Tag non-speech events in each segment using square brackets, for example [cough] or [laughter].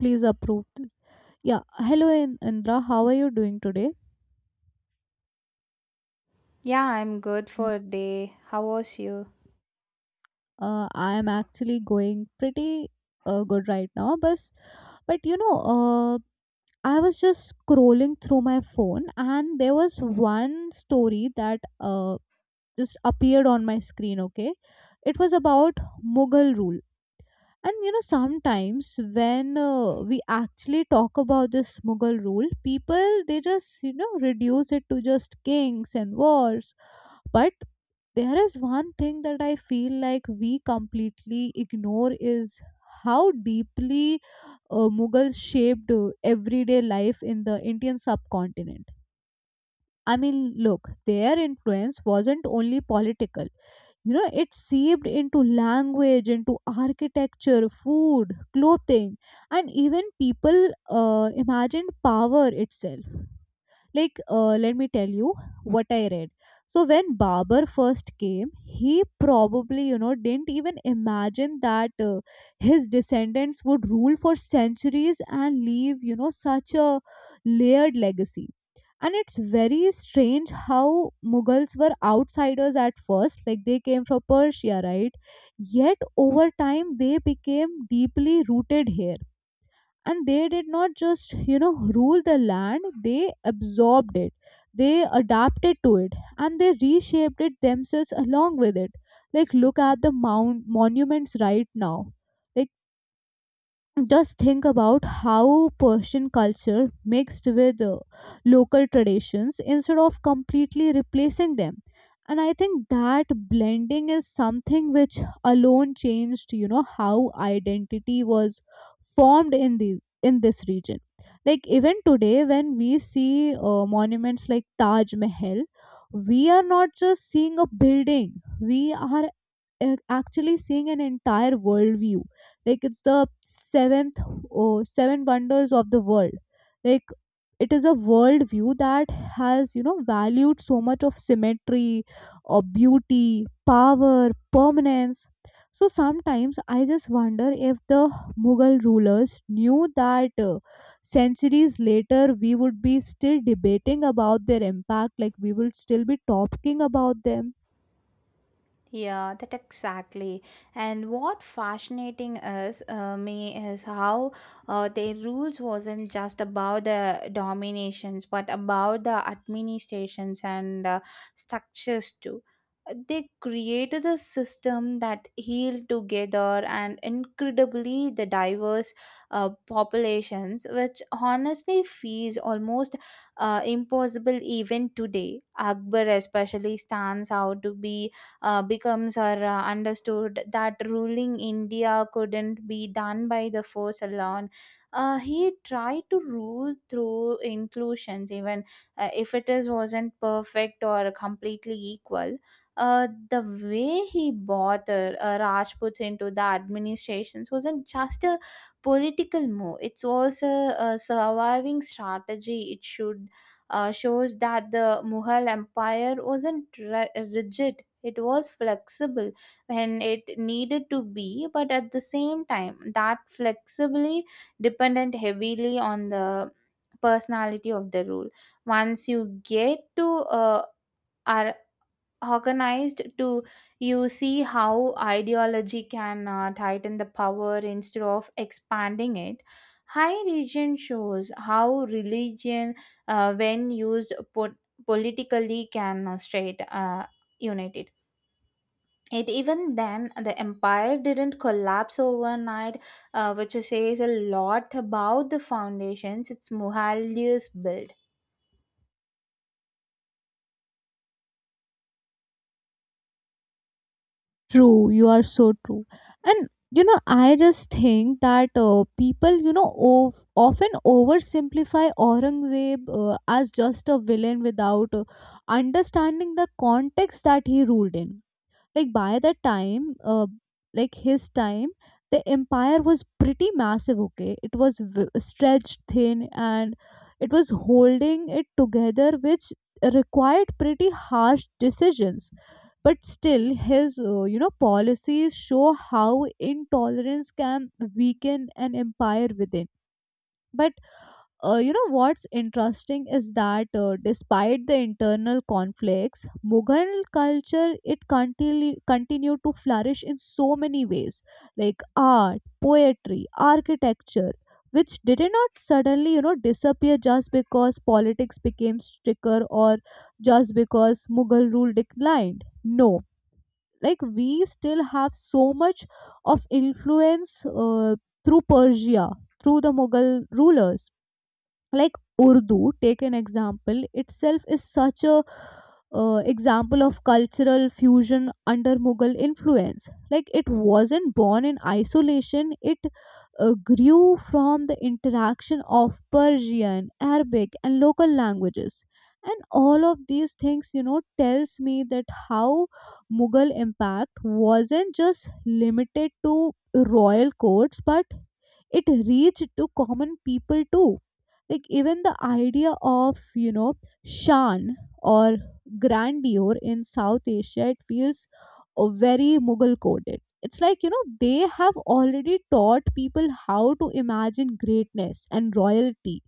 Please approved. Yeah. Hello, Indra. How are you doing today? Yeah, I'm good for a day. How was you? I am actually going pretty good right now. But you know, I was just scrolling through my phone and there was one story that just appeared on my screen. Okay. It was about Mughal rule. And you know, sometimes when we actually talk about this Mughal rule, people they just you know reduce it to just kings and wars. But there is one thing that I feel like we completely ignore is how deeply Mughals shaped everyday life in the Indian subcontinent. I mean, look, their influence wasn't only political, you know, it seeped into language, into architecture, food, clothing, and even people imagined power itself. Like let me tell you what I read. So when Barber first came, he probably you know didn't even imagine that his descendants would rule for centuries and leave you know such a layered legacy. And it's very strange how Mughals were outsiders at first. Like they came from Persia, right? Yet over time they became deeply rooted here. And they did not just you know rule the land, they absorbed it, they adapted to it, and they reshaped it themselves along with it. Like look at the mount monuments right now. Just think about how Persian culture mixed with local traditions instead of completely replacing them. And I think that blending is something which alone changed, you know, how identity was formed in these in this region. Like even today, when we see monuments like Taj Mahal, we are not just seeing a building; we are actually seeing an entire worldview. Like it's the seventh or seven wonders of the world. Like it is a worldview that has you know valued so much of symmetry, or beauty, power, permanence. So sometimes I just wonder if the Mughal rulers knew that centuries later we would be still debating about their impact, like we would still be talking about them. Yeah, that exactly. And what fascinating is me is how their rules wasn't just about the dominations, but about the administrations and structures too. They created a system that healed together and incredibly the diverse populations, which honestly feels almost impossible even today. Akbar especially stands out to be becomes or understood that ruling India couldn't be done by the force alone. He tried to rule through inclusions, even if it is wasn't perfect or completely equal. The way he bought the Rajputs into the administrations wasn't just a political move. It was a surviving strategy. It should shows that the Mughal Empire wasn't rigid. It was flexible when it needed to be, but at the same time, that flexibly depended heavily on the personality of the rule. Once you get to uh, are organized to you see how ideology can tighten the power instead of expanding it. High region shows how religion when used politically can straight unite it. Even then the empire didn't collapse overnight, which says a lot about the foundations its mughals built. True, you are so true. And you know, I just think that people, you know, of, often oversimplify Aurangzeb as just a villain without understanding the context that he ruled in. Like by the time, like his time, the empire was pretty massive. Okay, it was stretched thin and it was holding it together, which required pretty harsh decisions, but still his you know policies show how intolerance can weaken an empire within. But you know what's interesting is that despite the internal conflicts, Mughal culture it continued to flourish in so many ways, like art, poetry, architecture, which did not suddenly you know disappear just because politics became stricter or just because Mughal rule declined. No, like we still have so much of influence through Persia, through the Mughal rulers. Like Urdu take an example itself is such a example of cultural fusion under Mughal influence. Like it wasn't born in isolation, it grew from the interaction of Persian, Arabic, and local languages. And all of these things you know tells me that how Mughal impact wasn't just limited to royal courts, but it reached to common people too. Like even the idea of you know shan or grandeur in South Asia, it feels very Mughal coded. It's like you know they have already taught people how to imagine greatness and royalty.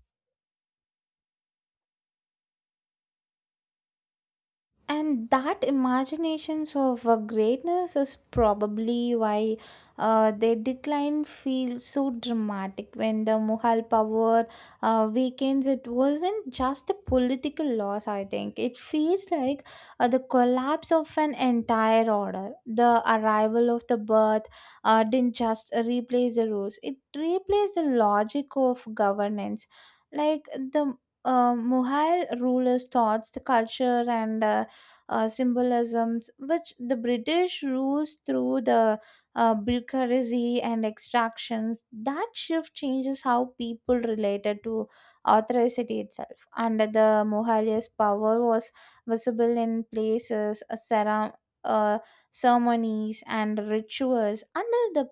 And that imaginations of greatness is probably why their decline feels so dramatic. When the mughal power weakens, it wasn't just a political loss. I think it feels like the collapse of an entire order. The arrival of the birth didn't just replace the rules, it replaced the logic of governance. Like the Mughal rulers thoughts, the culture, and symbolisms, which the British rules through the bureaucracy and extractions. That shift changes how people related to authority itself. Under the Mughalias power was visible in places, uh, ceremonies, and rituals. Under the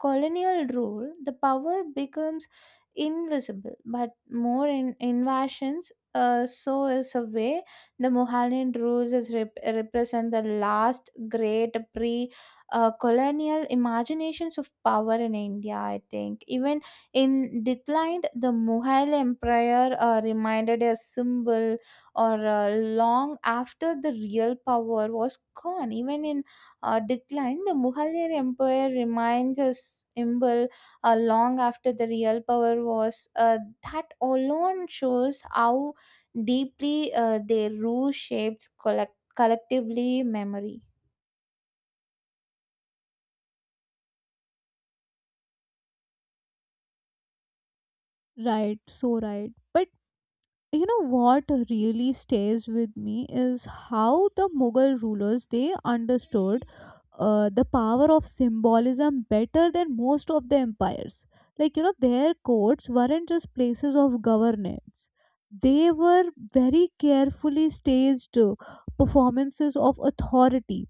colonial rule, the power becomes invisible, but more in invasions. So is a way the Mohammedan rules is represent the last great pre-colonial imaginations of power in India. I think even in decline, the Mughal Empire reminded a symbol or long after the real power was gone. Even in decline, the Mughal Empire remains a symbol long after the real power was. That alone shows how deeply their rule shapes collectively memory. Right, so right, but you know what really stays with me is how the Mughal rulers they understood the power of symbolism better than most of the empires. Like, you know, their courts weren't just places of governance, they were very carefully staged performances of authority.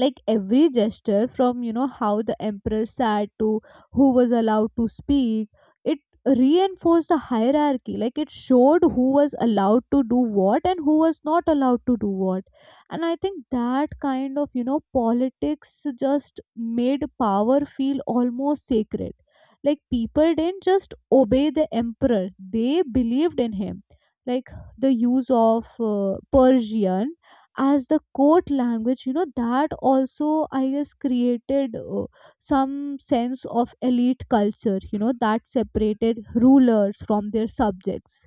Like every gesture from you know how the emperor sat to who was allowed to speak, it reinforced the hierarchy. Like it showed who was allowed to do what and who was not allowed to do what. And I think that kind of you know politics just made power feel almost sacred. Like people didn't just obey the emperor, they believed in him. Like the use of uh, Persian as the court language, you know, that also I guess created some sense of elite culture you know that separated rulers from their subjects.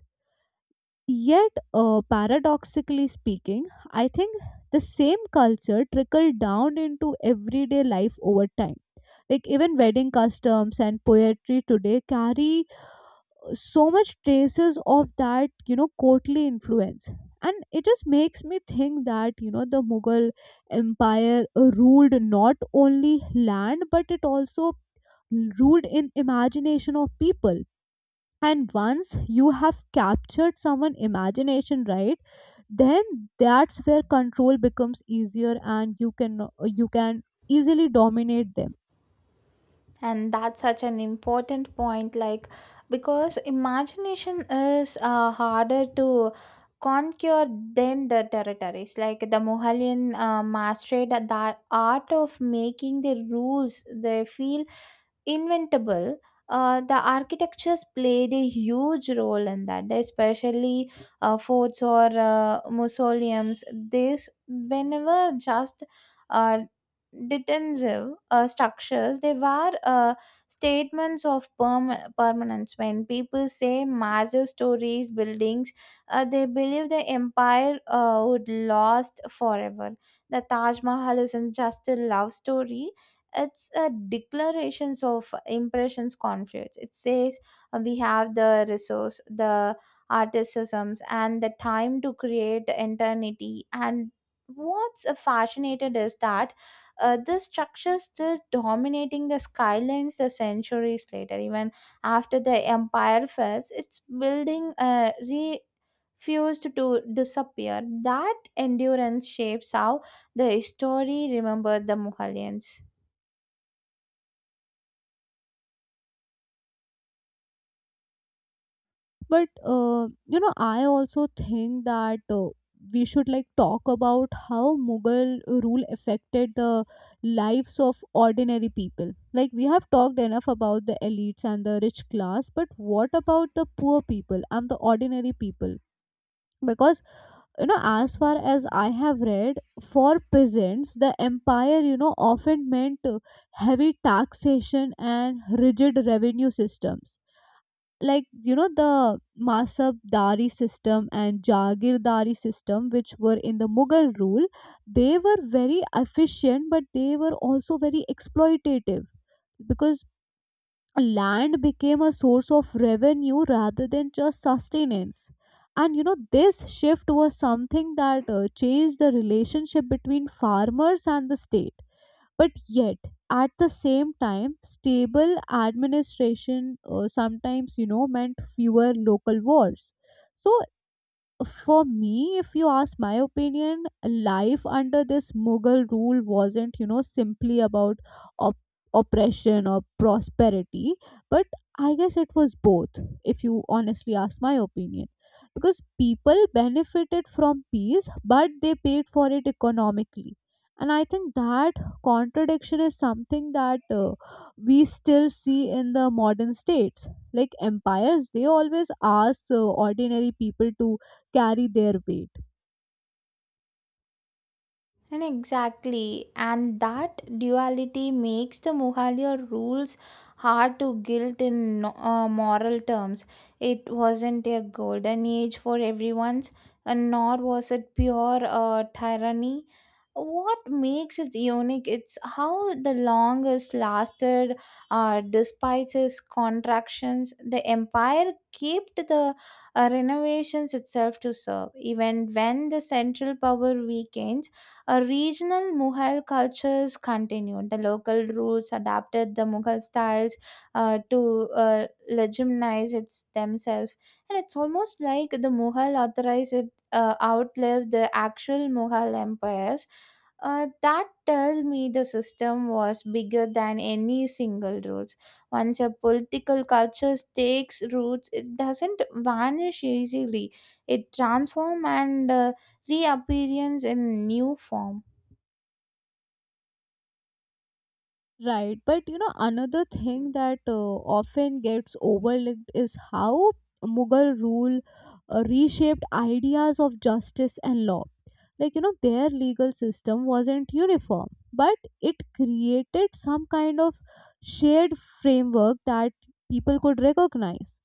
Yet paradoxically speaking, I think the same culture trickled down into everyday life over time. Like even wedding customs and poetry today carry so much traces of that you know courtly influence. And it just makes me think that you know the Mughal empire ruled not only land, but it also ruled in imagination of people. And once you have captured someone imagination, right, then that's where control becomes easier and you can easily dominate them. And that's such an important point, like because imagination is harder to conquer than the territories. Like the Mohallian mastered the art of making the rules they feel inventable. The architectures played a huge role in that, especially forts or mausoleums. This whenever just uh, detentive structures, they were statements of permanence. When people say massive stories buildings, they believe the empire would last forever. The Taj Mahal isn't just a love story, it's a declarations of impressions conflicts. It says we have the resource, the articisms, and the time to create eternity. And what's fascinated is that this structure still dominating the skylines the centuries later. Even after the empire falls, it's building refused to disappear. That endurance shapes how the history remembered the mughalians. But uh, you know I also think that we should like talk about how Mughal rule affected the lives of ordinary people. Like we have talked enough about the elites and the rich class, but what about the poor people and the ordinary people? Because you know as far as I have read, for peasants the empire you know often meant heavy taxation and rigid revenue systems. Like you know the Masabdari system and Jagirdari system, which were in the Mughal rule, they were very efficient, but they were also very exploitative because land became a source of revenue rather than just sustenance. And you know, this shift was something that changed the relationship between farmers and the state. But yet, at the same time, stable administration sometimes, you know, meant fewer local wars. So for me, if you ask my opinion, life under this Mughal rule wasn't, you know, simply about op- oppression or prosperity, but I guess it was both, if you honestly ask my opinion. Because people benefited from peace, but they paid for it economically. And I think that contradiction is something that we still see in the modern states. Like empires, they always ask ordinary people to carry their weight. And exactly, and that duality makes the Mughaliya rules hard to guilt in moral terms. It wasn't a golden age for everyone's, and nor was it pure tyranny. What makes it unique? It's how the longest lasted, despite its contractions, the empire kept the renovations itself to serve, even when the central power weakens. A regional Mughal cultures continued. The local rulers adapted the Mughal styles to legitimize its themselves, and it's almost like the Mughal authorized it outlived the actual Mughal empires. That tells me the system was bigger than any single roots. Once a political culture takes roots, it doesn't vanish easily. It transforms and reappearance in new form. Right. But you know, another thing that often gets overlooked is how Mughal rule reshaped ideas of justice and law. Like, you know, their legal system wasn't uniform, but it created some kind of shared framework that people could recognize.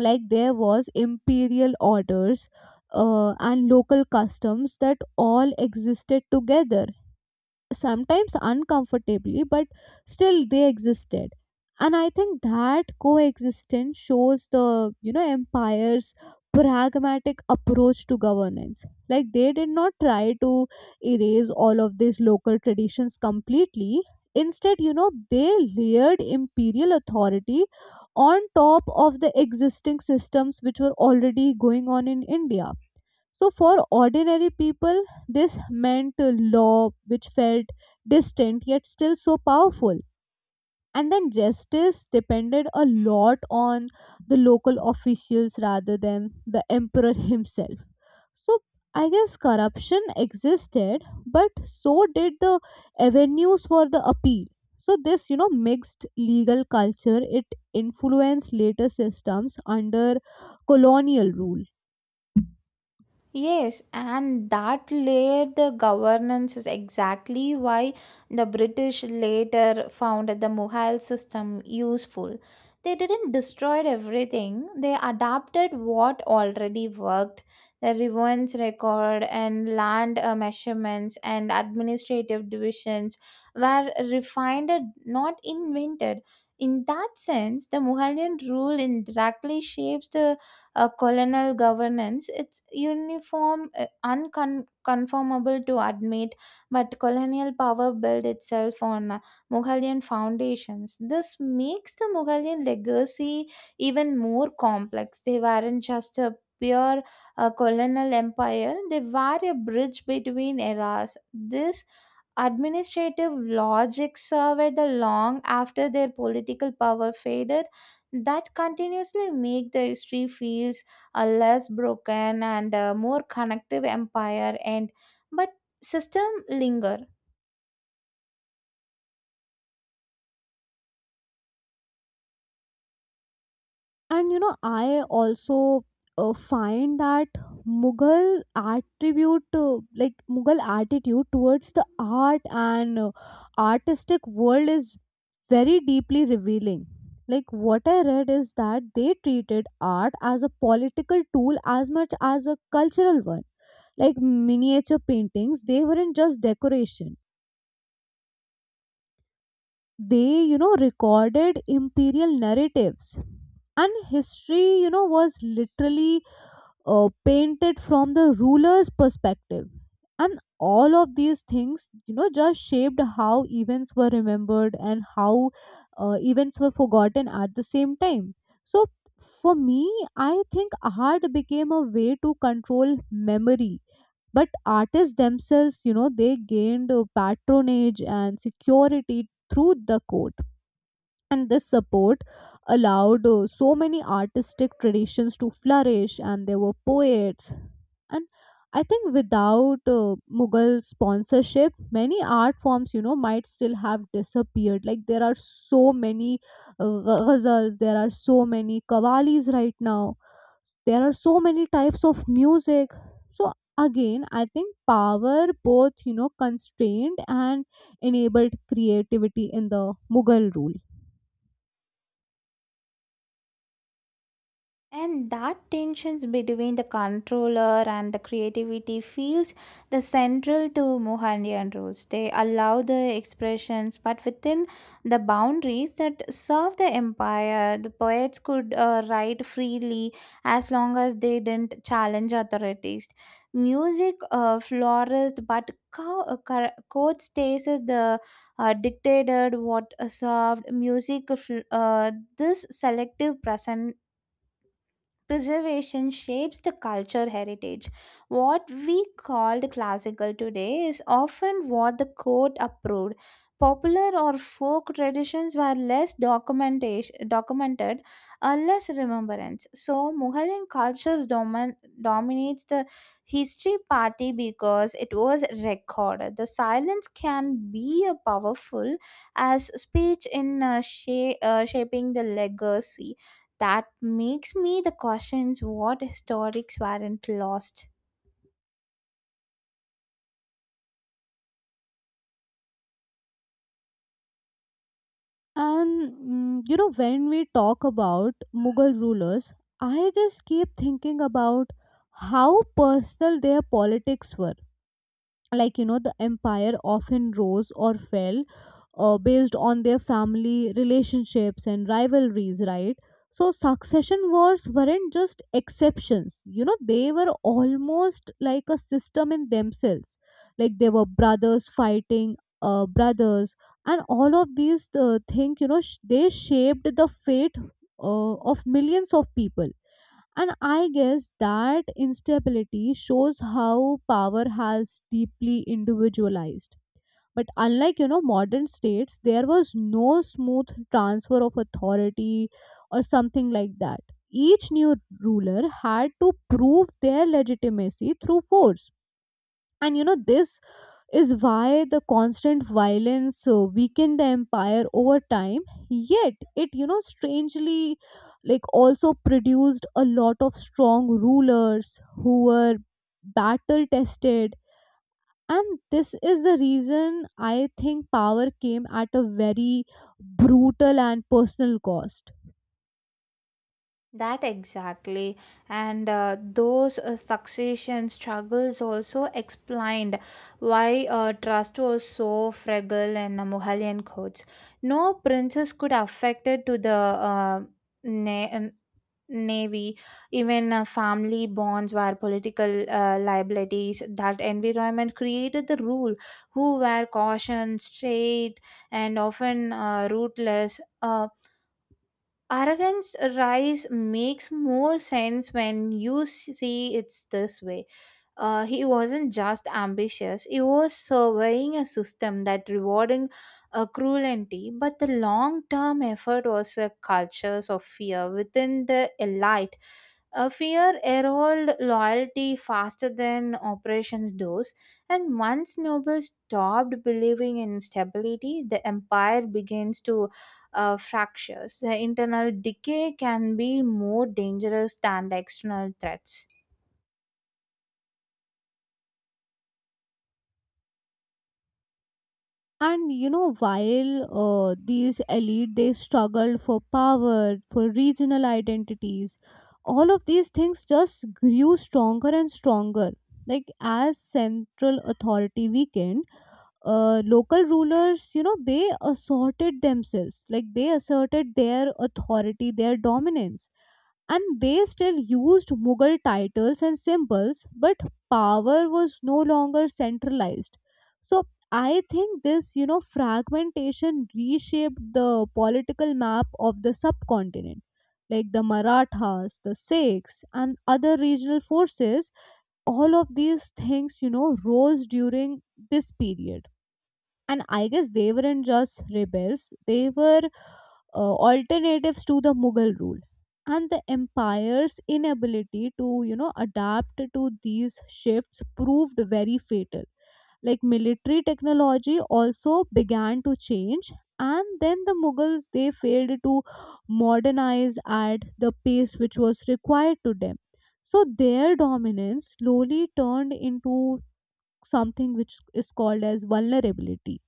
Like, there was imperial orders and local customs that all existed together sometimes uncomfortably, but still they existed. And I think that coexistence shows the you know empire's pragmatic approach to governance. Like they did not try to erase all of these local traditions completely. Instead, you know, they layered imperial authority on top of the existing systems which were already going on in India. So, for ordinary people, this meant a law which felt distant yet still so powerful. And then justice depended a lot on the local officials rather than the emperor [laughs] himself. So, I guess corruption existed, but so did the avenues for the appeal. So, this, you know, mixed legal culture, it influenced later systems under colonial rule. Yes, and that layered the governance is exactly why the British later found the Mughal system useful. They didn't destroy everything, they adapted what already worked. The reverence record and land measurements and administrative divisions were refined, not invented. In that sense, the Mughalian rule indirectly shapes the a colonial governance. It's uniform, unconformable to admit, but colonial power built itself on Mughalian foundations. This makes the Mughalian legacy even more complex. They weren't just a pure colonial empire, they were a bridge between eras. This administrative logic survived long after their political power faded, that continuously make the history feels a less broken and a more connective empire, and but system linger. And you know I also find that Mughal attribute like Mughal attitude towards the art and artistic world is very deeply revealing. Like what I read is that they treated art as a political tool as much as a cultural one. Like miniature paintings, they weren't just decoration, they you know recorded imperial narratives. And history you know was literally painted from the ruler's perspective. And all of these things you know just shaped how events were remembered and how events were forgotten at the same time. So for me I think art became a way to control memory. But artists themselves you know they gained patronage and security through the code. And this support allowed so many artistic traditions to flourish, and there were poets. And I think without Mughal sponsorship, many art forms you know might still have disappeared. Like there are so many ghazals, there are so many qavalis right now, there are so many types of music. So again I think power both you know constrained and enabled creativity in the Mughal rule. And that tensions between the controller and the creativity feels the central to Mohandian rules. They allow the expressions, but within the boundaries that serve the empire, the poets could write freely as long as they didn't challenge authorities. Music flourished, but court stays as the dictated what served music. This selective present preservation shapes the culture heritage. What we called classical today is often what the court approved. Popular or folk traditions were less documentation, documented, or less remembrance. So, Mughalian cultures dominates the history party because it was recorded. The silence can be a powerful as speech in shaping the legacy, that makes me the questions what historics weren't lost. And mm, you know, when we talk about Mughal rulers, I just keep thinking about how personal their politics were. Like you know the empire often rose or fell based on their family relationships and rivalries, right? So succession wars weren't just exceptions, you know they were almost like a system in themselves. Like they were brothers fighting brothers. And all of these things you know they shaped the fate of millions of people. And I guess that instability shows how power has deeply individualized. But unlike you know modern states, there was no smooth transfer of authority or something like that. Each new ruler had to prove their legitimacy through force. And you know this is why the constant violence weakened the empire over time, yet it, you know, strangely like also produced a lot of strong rulers who were battle tested. And this is the reason I think power came at a very brutal and personal cost. That exactly, and those succession struggles also explained why trust was so fragile in Mughalayan courts. No princess could affected to the na- um, navy. Even family bonds were political liabilities. That environment created the rule, who were cautioned, straight, and often ruthless. Arrogance rise makes more sense when you see it's this way. He wasn't just ambitious, he was surveying a system that rewarding cruelty, but the long term effort was a culture of fear within the elite. A fear erode loyalty faster than operations does, and once nobles stopped believing in stability, the empire begins to fractures. The internal decay can be more dangerous than the external threats. And you know while these elite they struggled for power, for regional identities, all of these things just grew stronger and stronger, like as central authority weakened. Local rulers, you know, they asserted themselves, like they asserted their authority, their dominance, and they still used Mughal titles and symbols, but power was no longer centralized. So I think this, you know, fragmentation reshaped the political map of the subcontinent. Like the Marathas, the Sikhs, and other regional forces, all of these things, you know, rose during this period. And I guess they weren't just rebels, they were alternatives to the Mughal rule, and the empire's inability to, you know, adapt to these shifts proved very fatal. Like military technology also began to change, and then the Mughals they failed to modernize at the pace which was required to them. So their dominance slowly turned into something which is called as vulnerability.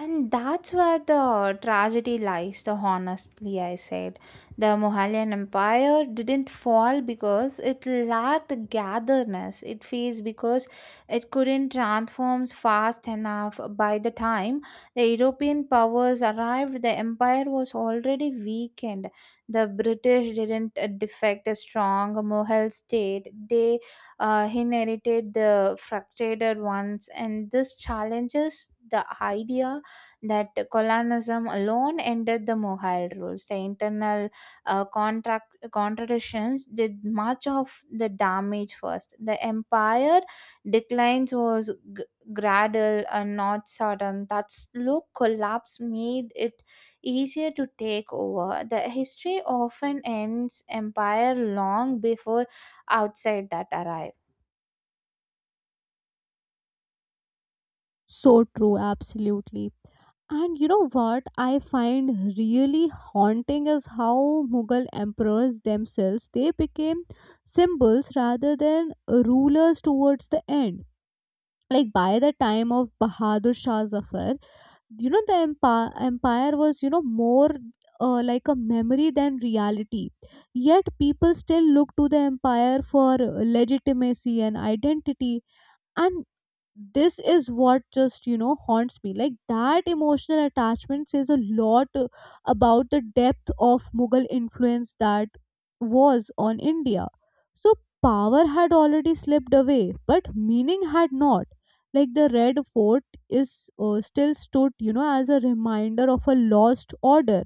And that's where the tragedy lies, the honestly I said. The Mughalian Empire didn't fall because it lacked gatherness. It failed because it couldn't transform fast enough. By the time the European powers arrived, the empire was already weakened. The British didn't defect a strong Mughal state. They inherited the frustrated ones, and this challenges the idea that colonialism alone ended the Mohal rules. The internal contract contradictions did much of the damage first. The empire declines was gradual and not sudden. That slow collapse made it easier to take over. The history often ends empire long before outside that arrive. So true, absolutely. And you know what I find really haunting is how Mughal emperors themselves they became symbols rather than rulers towards the end. Like by the time of Bahadur Shah Zafar, you know the empire was, you know, more like a memory than reality, yet people still look to the empire for legitimacy and identity. And this is what just, you know, haunts me. Like that emotional attachment says a lot about the depth of Mughal influence that was on India. So power had already slipped away, but meaning had not. Like the Red Fort is still stood, you know, as a reminder of a lost order.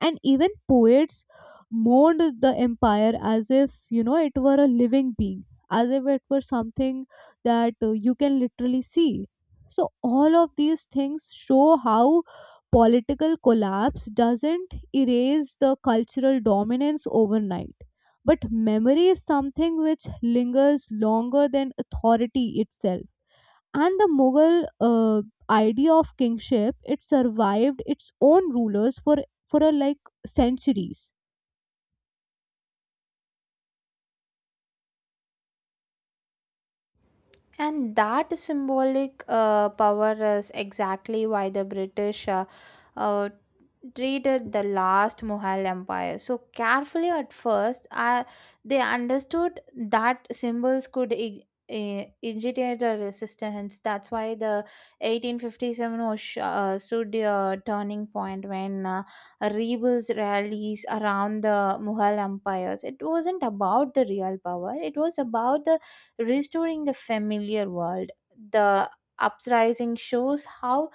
And even poets mourned the empire as if, you know, it were a living being, as if it were something that you can literally see. So all of these things show how political collapse doesn't erase the cultural dominance overnight, but memory is something which lingers longer than authority itself. And the Mughal idea of kingship, it survived its own rulers for like centuries. And that symbolic power is exactly why the British uh, treated the last Mughal empire so carefully at first. They understood that symbols could initiate a resistance. That's why the 1857 was stood a turning point when rebels rallies around the Mughal empires. It wasn't about the real power. It was about the restoring the familiar world. The uprising shows how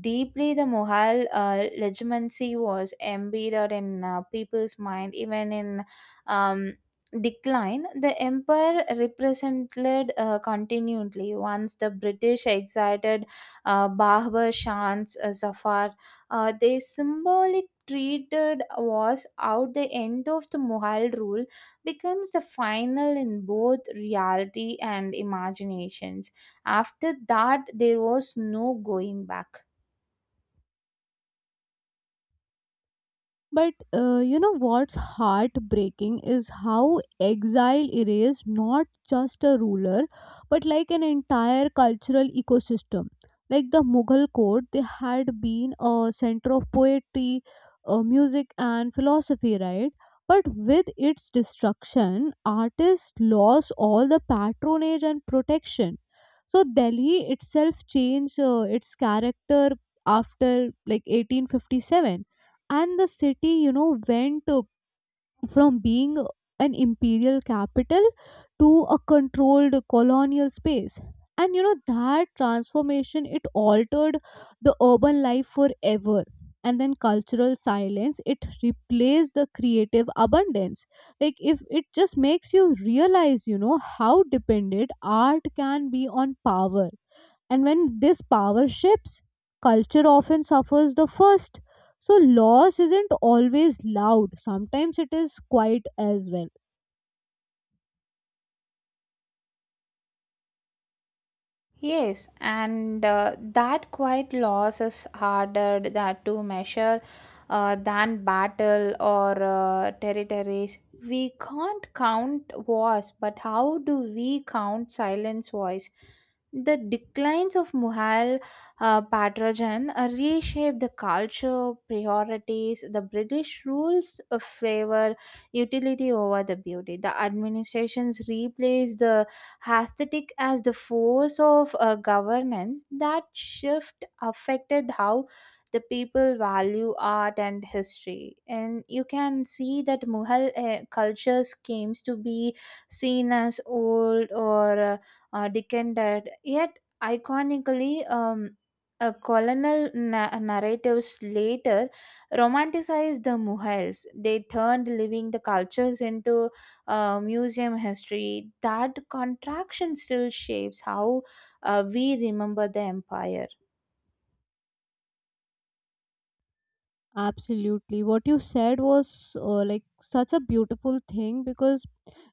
deeply the Mughal legitimacy was embedded in people's mind, even in um, decline. The empire represented continually. Once the British exiled Babur Shah's Zafar, they symbolic treated was out the end of the Mughal rule becomes the final in both reality and imaginations. After that, there was no going back. But you know what's heartbreaking is how exile erased not just a ruler but like an entire cultural ecosystem. Like the Mughal court, they had been a center of poetry, music, and philosophy, right? But with its destruction, artists lost all the patronage and protection. So Delhi itself changed its character after like 1857. And the city, you know, went from being an imperial capital to a controlled colonial space. And you know that transformation it altered the urban life forever. And then cultural silence it replaced the creative abundance. Like if it just makes you realize, you know, how dependent art can be on power. And when this power shifts, culture often suffers the first. So, loss isn't always loud, sometimes it is quiet as well. Yes, and that quiet loss is harder that to measure than battle or territories. We can't count wars, but how do we count silence voice? The declines of Mughal Patrojan reshaped the culture, priorities. The British rules favor utility over the beauty. The administrations replaced the aesthetic as the force of governance. That shift affected how the people value art and history. And you can see that Mughal cultures came to be seen as old or decadent, yet iconically. Colonial narratives later romanticized the Mughals. They turned living the cultures into museum history, that contraction still shapes how we remember the empire. Absolutely. What you said was like such a beautiful thing, because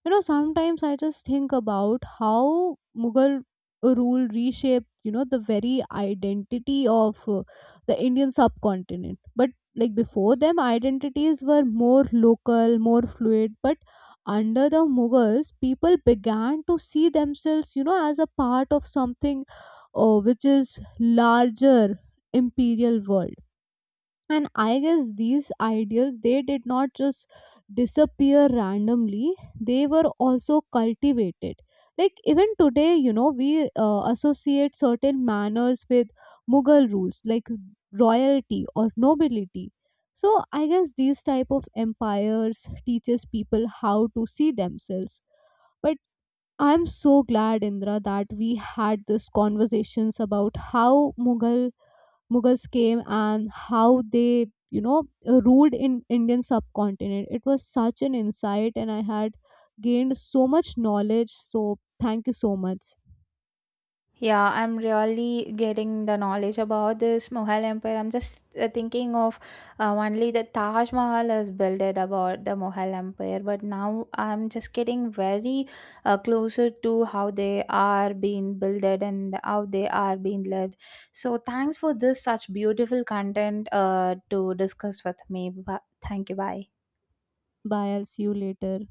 you know sometimes I just think about how Mughal rule reshaped, you know, the very identity of the Indian subcontinent. But like before them identities were more local, more fluid, but under the Mughals people began to see themselves, you know, as a part of something which is larger, imperial world. And I guess these ideals, they did not just disappear randomly, they were also cultivated. Like even today, you know, we associate certain manners with Mughal rules like royalty or nobility. So I guess these type of empires teaches people how to see themselves. But I'm so glad, Indra, that we had these conversations about how mughal Mughals came and how they, you know, ruled in Indian subcontinent. It was such an insight, and I had gained so much knowledge. So, thank you so much. Yeah, I'm really getting the knowledge about this Mughal Empire. I'm just thinking of only the Taj Mahal is built about the Mughal Empire, but now I'm just getting very closer to how they are being builded and how they are being lived. So thanks for this such beautiful content to discuss with me. Thank you. Bye. Bye. I'll see you later.